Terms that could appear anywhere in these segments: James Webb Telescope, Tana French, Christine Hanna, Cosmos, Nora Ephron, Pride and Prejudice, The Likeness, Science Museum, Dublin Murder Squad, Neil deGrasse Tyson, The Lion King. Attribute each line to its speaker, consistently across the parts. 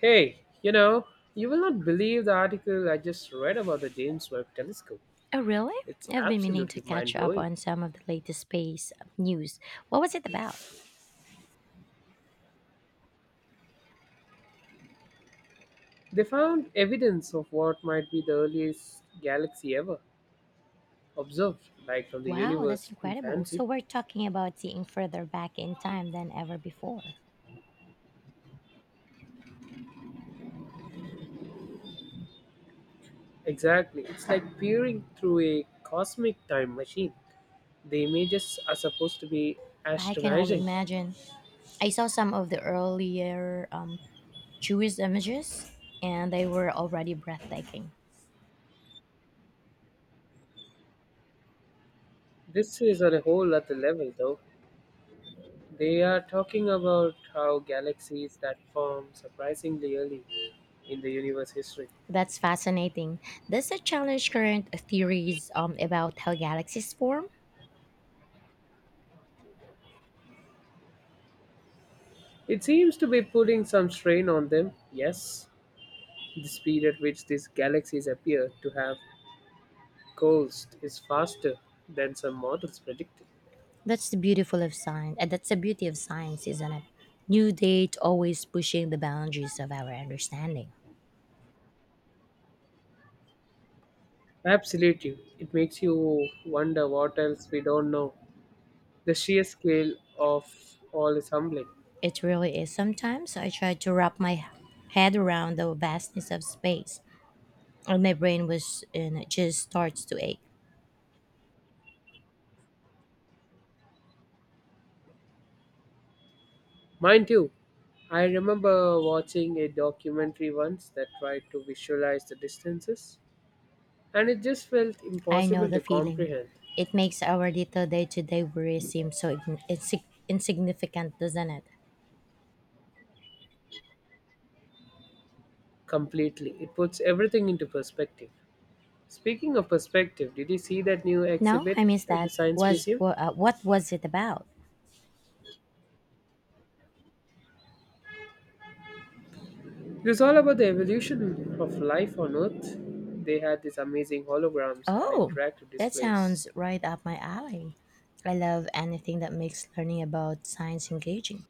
Speaker 1: Hey, you know, you will not believe the article I just read about the James Webb Telescope.
Speaker 2: Oh, really?
Speaker 1: It's
Speaker 2: I've been meaning to
Speaker 1: absolutely mind
Speaker 2: catch up
Speaker 1: blowing.
Speaker 2: on some of the latest space news. What was it about?
Speaker 1: They found evidence of what might be the earliest galaxy ever observed, like from the
Speaker 2: Wow, that's
Speaker 1: universe
Speaker 2: incredible.
Speaker 1: infancy.
Speaker 2: So, we're talking about seeing further back in time than ever before.
Speaker 1: Exactly, it's like peering through a cosmic time machine. The images are supposed to be
Speaker 2: I can only
Speaker 1: astonishing.
Speaker 2: imagine. I saw some of the earlier Jewish images, and they were already breathtaking.
Speaker 1: This is on a whole other level, though. They are talking about how galaxies that form surprisingly early in the universe history.
Speaker 2: That's fascinating. Does it challenge current theories about how galaxies form?
Speaker 1: It seems to be putting some strain on them, yes. The speed at which these galaxies appear to have coalesced is faster than some models predicted.
Speaker 2: That's the beautiful of science, and that's the beauty of science, isn't it? New date always pushing the boundaries of our understanding.
Speaker 1: Absolutely. It makes you wonder what else we don't know. The sheer scale of all is humbling.
Speaker 2: It really is. Sometimes I tried to wrap my head around the vastness of space, and my brain was and it just starts to ache.
Speaker 1: Mind you, I remember watching a documentary once that tried to visualize the distances, and it just felt
Speaker 2: I know
Speaker 1: impossible
Speaker 2: the
Speaker 1: to
Speaker 2: feeling.
Speaker 1: comprehend
Speaker 2: It makes our little day-to-day worries seem so insignificant, doesn't it?
Speaker 1: completely. It puts everything into perspective. Speaking of perspective, did you see that new
Speaker 2: No,
Speaker 1: exhibit
Speaker 2: I miss
Speaker 1: at the
Speaker 2: that.
Speaker 1: Science Museum?
Speaker 2: What was it about?
Speaker 1: It was all about the evolution of life on Earth. They had these amazing holograms and
Speaker 2: Oh,
Speaker 1: interactive
Speaker 2: that
Speaker 1: displays.
Speaker 2: sounds right up my alley. I love anything that makes learning about science engaging.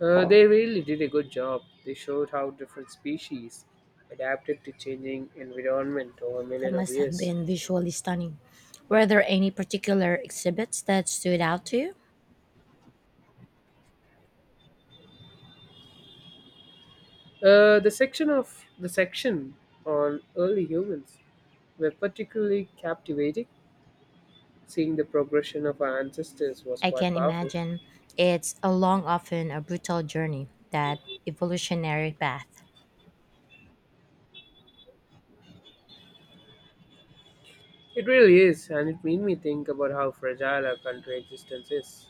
Speaker 1: They really did a good job. They showed how different species adapted to changing environment over a
Speaker 2: That
Speaker 1: million of
Speaker 2: must have
Speaker 1: years.
Speaker 2: been visually stunning. Were there any particular exhibits that stood out to you?
Speaker 1: The section on early humans were particularly captivating. Seeing the progression of our ancestors was
Speaker 2: I
Speaker 1: quite
Speaker 2: can
Speaker 1: powerful.
Speaker 2: imagine it's a long, often a brutal journey, that evolutionary path.
Speaker 1: It really is, and it made me think about how fragile our country existence is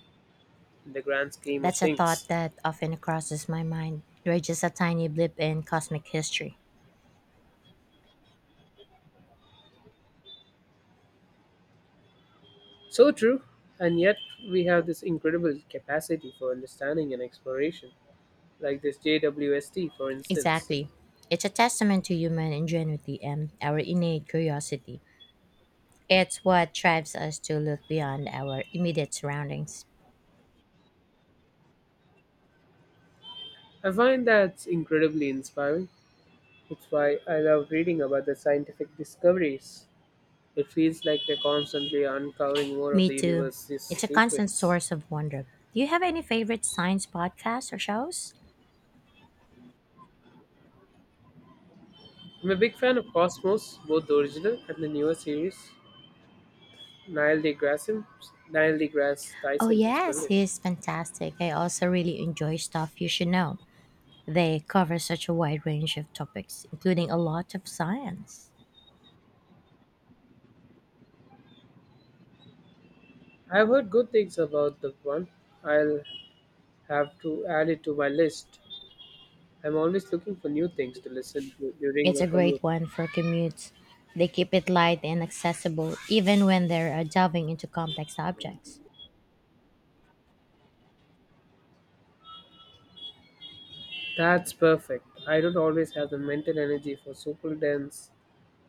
Speaker 1: in the grand scheme of
Speaker 2: That's a thought
Speaker 1: things.
Speaker 2: that often crosses my mind. We're just a tiny blip in cosmic history.
Speaker 1: So true, and yet we have this incredible capacity for understanding and exploration, like this JWST, for instance.
Speaker 2: Exactly. It's a testament to human ingenuity and our innate curiosity. It's what drives us to look beyond our immediate surroundings.
Speaker 1: I find that's incredibly inspiring. It's why I love reading about the scientific discoveries. It feels like they're constantly uncovering more of
Speaker 2: Me
Speaker 1: the
Speaker 2: too.
Speaker 1: universe's
Speaker 2: It's a constant
Speaker 1: secrets.
Speaker 2: source of wonder. Do you have any favorite science podcasts or shows?
Speaker 1: I'm a big fan of Cosmos, both the original and the newer series. Neil deGrasse, Neil deGrasse
Speaker 2: Oh,
Speaker 1: Tyson is
Speaker 2: yes,
Speaker 1: brilliant.
Speaker 2: he's fantastic. I also really enjoy Stuff You Should Know. They cover such a wide range of topics, including a lot of science.
Speaker 1: I've heard good things about the one. I'll have to add it to my list. I'm always looking for new things to listen to during my
Speaker 2: It's a
Speaker 1: commute.
Speaker 2: great one for commutes. They keep it light and accessible, even when they're delving into complex subjects.
Speaker 1: That's perfect. I don't always have the mental energy for super dense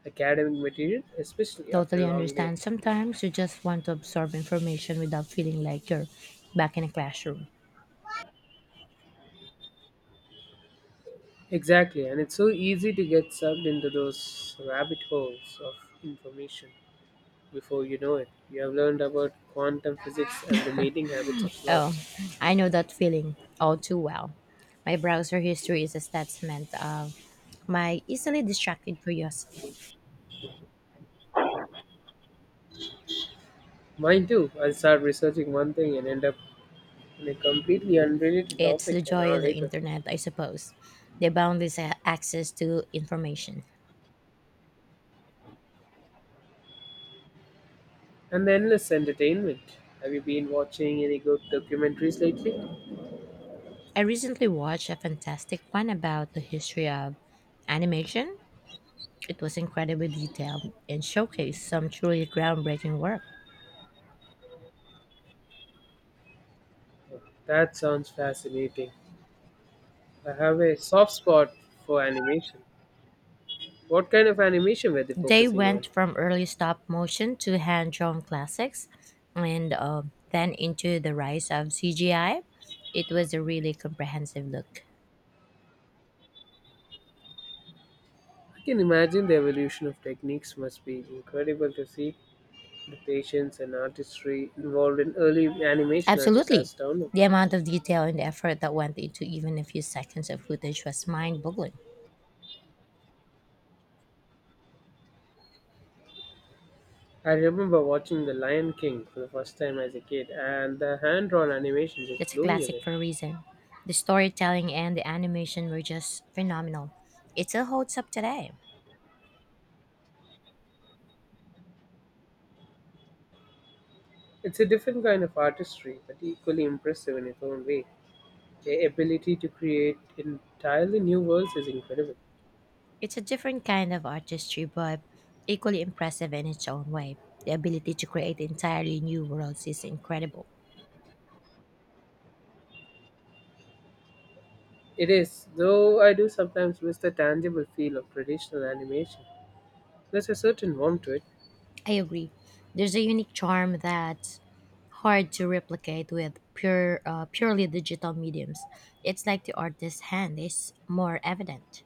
Speaker 1: academic material, especially after
Speaker 2: Totally
Speaker 1: a long day.
Speaker 2: understand. Sometimes you just want to absorb information without feeling like you're back in a classroom.
Speaker 1: Exactly, and it's so easy to get sucked into those rabbit holes of information. Before you know it, you have learned about quantum physics and the mating habits of
Speaker 2: Oh,
Speaker 1: sloths.
Speaker 2: I know that feeling all too well. My browser history is a testament of my easily distracted curiosity.
Speaker 1: Mine too. I'll start researching one thing and end up on a completely unrelated
Speaker 2: It's
Speaker 1: topic
Speaker 2: the
Speaker 1: an
Speaker 2: joy
Speaker 1: hour
Speaker 2: of the
Speaker 1: later.
Speaker 2: internet, I suppose, the boundless access to information.
Speaker 1: And the endless entertainment. Have you been watching any good documentaries lately?
Speaker 2: I recently watched a fantastic one about the history of animation. It was incredibly detailed and showcased some truly groundbreaking work.
Speaker 1: That sounds fascinating. I have a soft spot for animation. What kind of animation were they
Speaker 2: They
Speaker 1: focusing on?
Speaker 2: went from early stop motion to hand drawn classics and then into the rise of CGI. It was a really comprehensive look.
Speaker 1: I can imagine the evolution of techniques must be incredible to see. The patience and artistry involved in early animation are just
Speaker 2: Absolutely.
Speaker 1: astounding.
Speaker 2: The amount of detail and effort that went into even a few seconds of footage was mind boggling.
Speaker 1: I remember watching The Lion King for the first time as a kid, and the hand drawn animation just
Speaker 2: It's a
Speaker 1: blew me
Speaker 2: classic
Speaker 1: away.
Speaker 2: for a reason. The storytelling and the animation were just phenomenal. It still holds up today.
Speaker 1: It's a different kind of artistry, but equally impressive in its own way. The ability to create entirely new worlds is incredible.
Speaker 2: It's a different kind of artistry, but equally impressive in its own way. The ability to create entirely new worlds is incredible.
Speaker 1: It is, though I do sometimes miss the tangible feel of traditional animation. There's a certain warmth to it.
Speaker 2: I agree. There's a unique charm that's hard to replicate with purely digital mediums. It's like the artist's hand is more evident.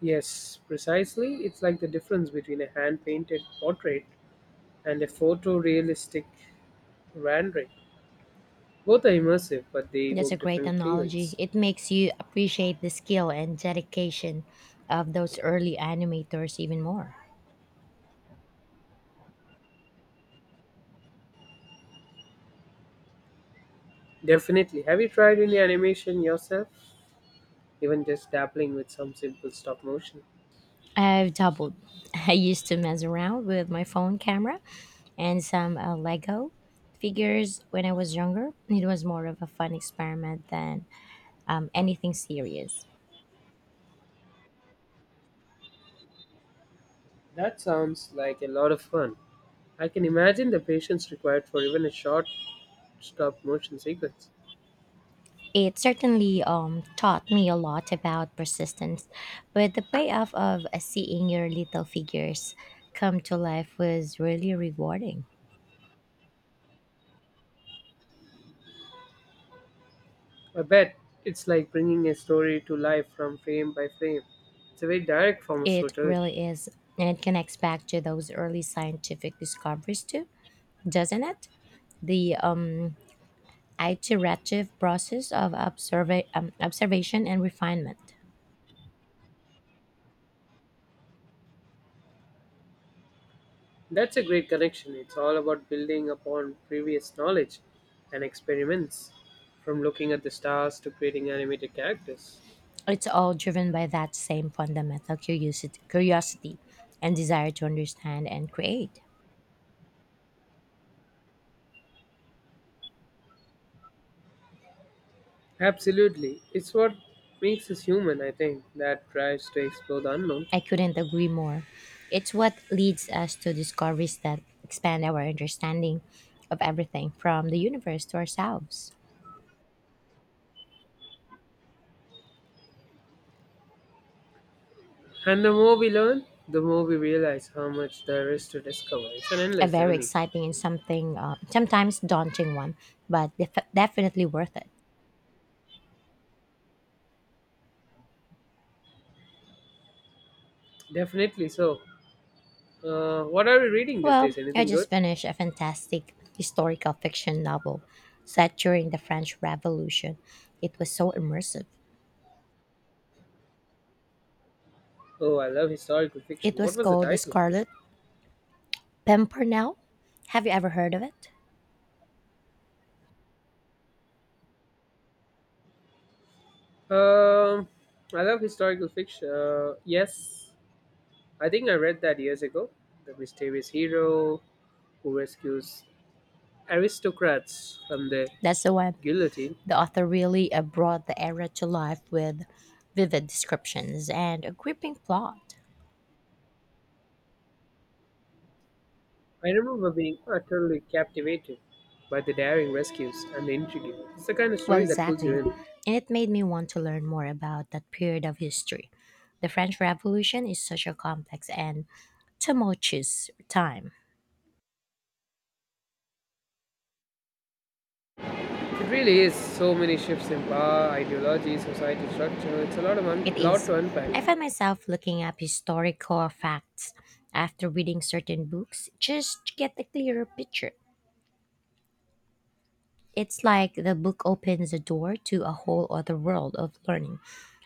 Speaker 1: Yes, precisely. It's like the difference between a hand painted portrait and a photorealistic rendering. Both are immersive, but they
Speaker 2: That's a
Speaker 1: evoke
Speaker 2: great
Speaker 1: different
Speaker 2: analogy.
Speaker 1: feelings.
Speaker 2: It makes you appreciate the skill and dedication of those early animators even more.
Speaker 1: Definitely. Have you tried any animation yourself? Even just dabbling with some simple stop motion?
Speaker 2: I've doubled. I used to mess around with my phone camera and some Lego figures when I was younger. It was more of a fun experiment than anything serious.
Speaker 1: That sounds like a lot of fun. I can imagine the patience required for even a short stop motion sequence.
Speaker 2: It certainly taught me a lot about persistence, but the payoff of seeing your little figures come to life was really rewarding.
Speaker 1: I bet it's like bringing a story to life from frame by frame. It's a very direct form of
Speaker 2: It
Speaker 1: storytelling.
Speaker 2: really is, and it connects back to those early scientific discoveries too, doesn't it? The iterative process of observation and refinement.
Speaker 1: That's a great connection. It's all about building upon previous knowledge and experiments, from looking at the stars to creating animated characters.
Speaker 2: It's all driven by that same fundamental curiosity and desire to understand and create.
Speaker 1: Absolutely. It's what makes us human, I think, that drives to explore the unknown.
Speaker 2: I couldn't agree more. It's what leads us to discoveries that expand our understanding of everything from the universe to ourselves.
Speaker 1: And the more we learn, the more we realize how much there is to discover. It's an
Speaker 2: A
Speaker 1: endless
Speaker 2: very
Speaker 1: journey.
Speaker 2: exciting and something sometimes daunting one, but definitely worth it.
Speaker 1: Definitely so. What are we reading these
Speaker 2: Well,
Speaker 1: days?
Speaker 2: I
Speaker 1: Anything good?
Speaker 2: just finished a fantastic historical fiction novel set during the French Revolution. It was so immersive.
Speaker 1: Oh, I love historical
Speaker 2: It
Speaker 1: fiction. What
Speaker 2: was
Speaker 1: was the
Speaker 2: called The
Speaker 1: title?
Speaker 2: Scarlet Pimpernel. Have you ever heard of it?
Speaker 1: Um, I love historical fiction. Yes, I think I read that years ago. The mysterious hero who rescues aristocrats from the
Speaker 2: That's the one.
Speaker 1: guillotine.
Speaker 2: The author really brought the era to life with vivid descriptions and a gripping plot.
Speaker 1: I remember being utterly captivated by the daring rescues and the intrigue. It's the kind of
Speaker 2: Well,
Speaker 1: story that pulls you
Speaker 2: exactly.
Speaker 1: in.
Speaker 2: And it made me want to learn more about that period of history. The French Revolution is such a complex and tumultuous time.
Speaker 1: It really is so many shifts in power, ideology, society structure. It's a lot of
Speaker 2: It
Speaker 1: lot
Speaker 2: is.
Speaker 1: to
Speaker 2: I
Speaker 1: unpack.
Speaker 2: find myself looking up historical facts after reading certain books just to get a clearer picture. It's like the book opens the door to a whole other world of learning.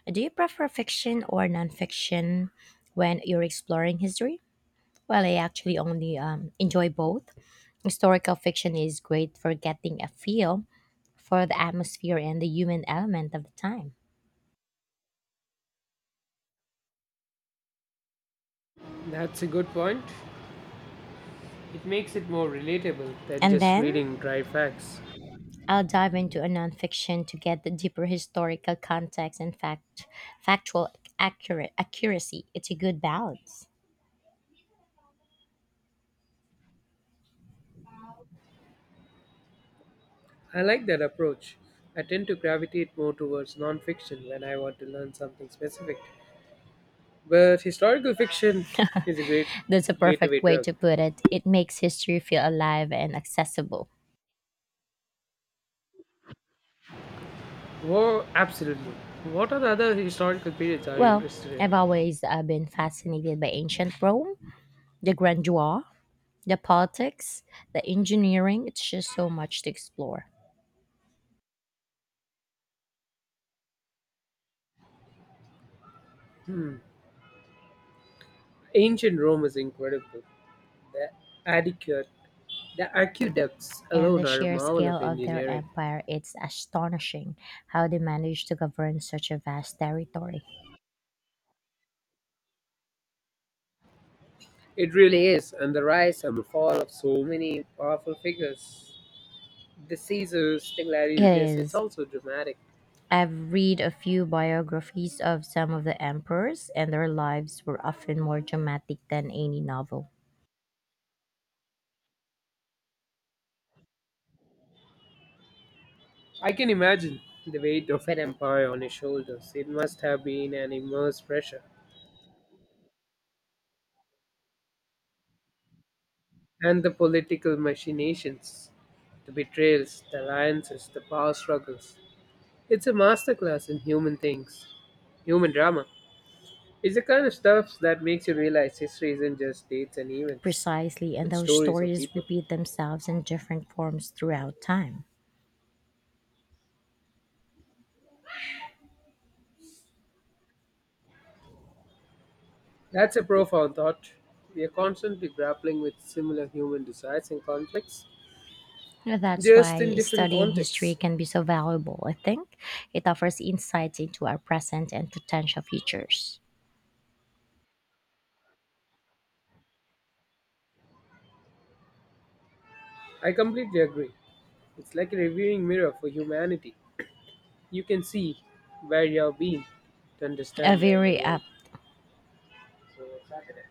Speaker 2: Do you prefer fiction or nonfiction when you're exploring history? Well, I actually only enjoy both. Historical fiction is great for getting a feel for the atmosphere and the human element of the time.
Speaker 1: That's a good point. It makes it more relatable than
Speaker 2: And
Speaker 1: just
Speaker 2: then
Speaker 1: reading dry facts.
Speaker 2: I'll dive into a nonfiction to get the deeper historical context and factual accurate accuracy. It's a good balance.
Speaker 1: I like that approach. I tend to gravitate more towards non-fiction when I want to learn something specific. But historical fiction is a great
Speaker 2: That's a
Speaker 1: gateway
Speaker 2: perfect way
Speaker 1: drug.
Speaker 2: to put it. It makes history feel alive and accessible.
Speaker 1: Well, absolutely. What are the other historical periods are you
Speaker 2: Well,
Speaker 1: interested
Speaker 2: I've
Speaker 1: in?
Speaker 2: always been fascinated by ancient Rome, the grandeur, the politics, the engineering. It's just so much to explore.
Speaker 1: Hmm. Ancient Rome is incredible. The adequate, the aqueducts
Speaker 2: And
Speaker 1: alone
Speaker 2: the
Speaker 1: are a
Speaker 2: sheer
Speaker 1: marvel
Speaker 2: scale
Speaker 1: of
Speaker 2: of their
Speaker 1: engineering.
Speaker 2: empire, it's astonishing how they managed to govern such a vast territory.
Speaker 1: It really is, and the rise and the fall of so many powerful figures. The Caesars, the
Speaker 2: It
Speaker 1: gladiators, it's
Speaker 2: is.
Speaker 1: also dramatic.
Speaker 2: I've read a few biographies of some of the emperors, and their lives were often more dramatic than any novel.
Speaker 1: I can imagine the weight of an empire on his shoulders. It must have been an immense pressure. And the political machinations, the betrayals, the alliances, the power struggles. It's a masterclass in human drama. It's the kind of stuff that makes you realize history isn't just dates and events,
Speaker 2: Precisely, and
Speaker 1: but
Speaker 2: those
Speaker 1: stories of
Speaker 2: stories
Speaker 1: people.
Speaker 2: repeat themselves in different forms throughout time.
Speaker 1: That's a profound thought. We are constantly grappling with similar human desires and conflicts,
Speaker 2: That's
Speaker 1: just in
Speaker 2: why
Speaker 1: different
Speaker 2: studying history
Speaker 1: contexts.
Speaker 2: can be so valuable, I think. It offers insights into our present and potential futures.
Speaker 1: I completely agree. It's like a reviewing mirror for humanity. You can see where you have been to
Speaker 2: A
Speaker 1: understand where you're
Speaker 2: very
Speaker 1: going.
Speaker 2: up
Speaker 1: So, Saturday.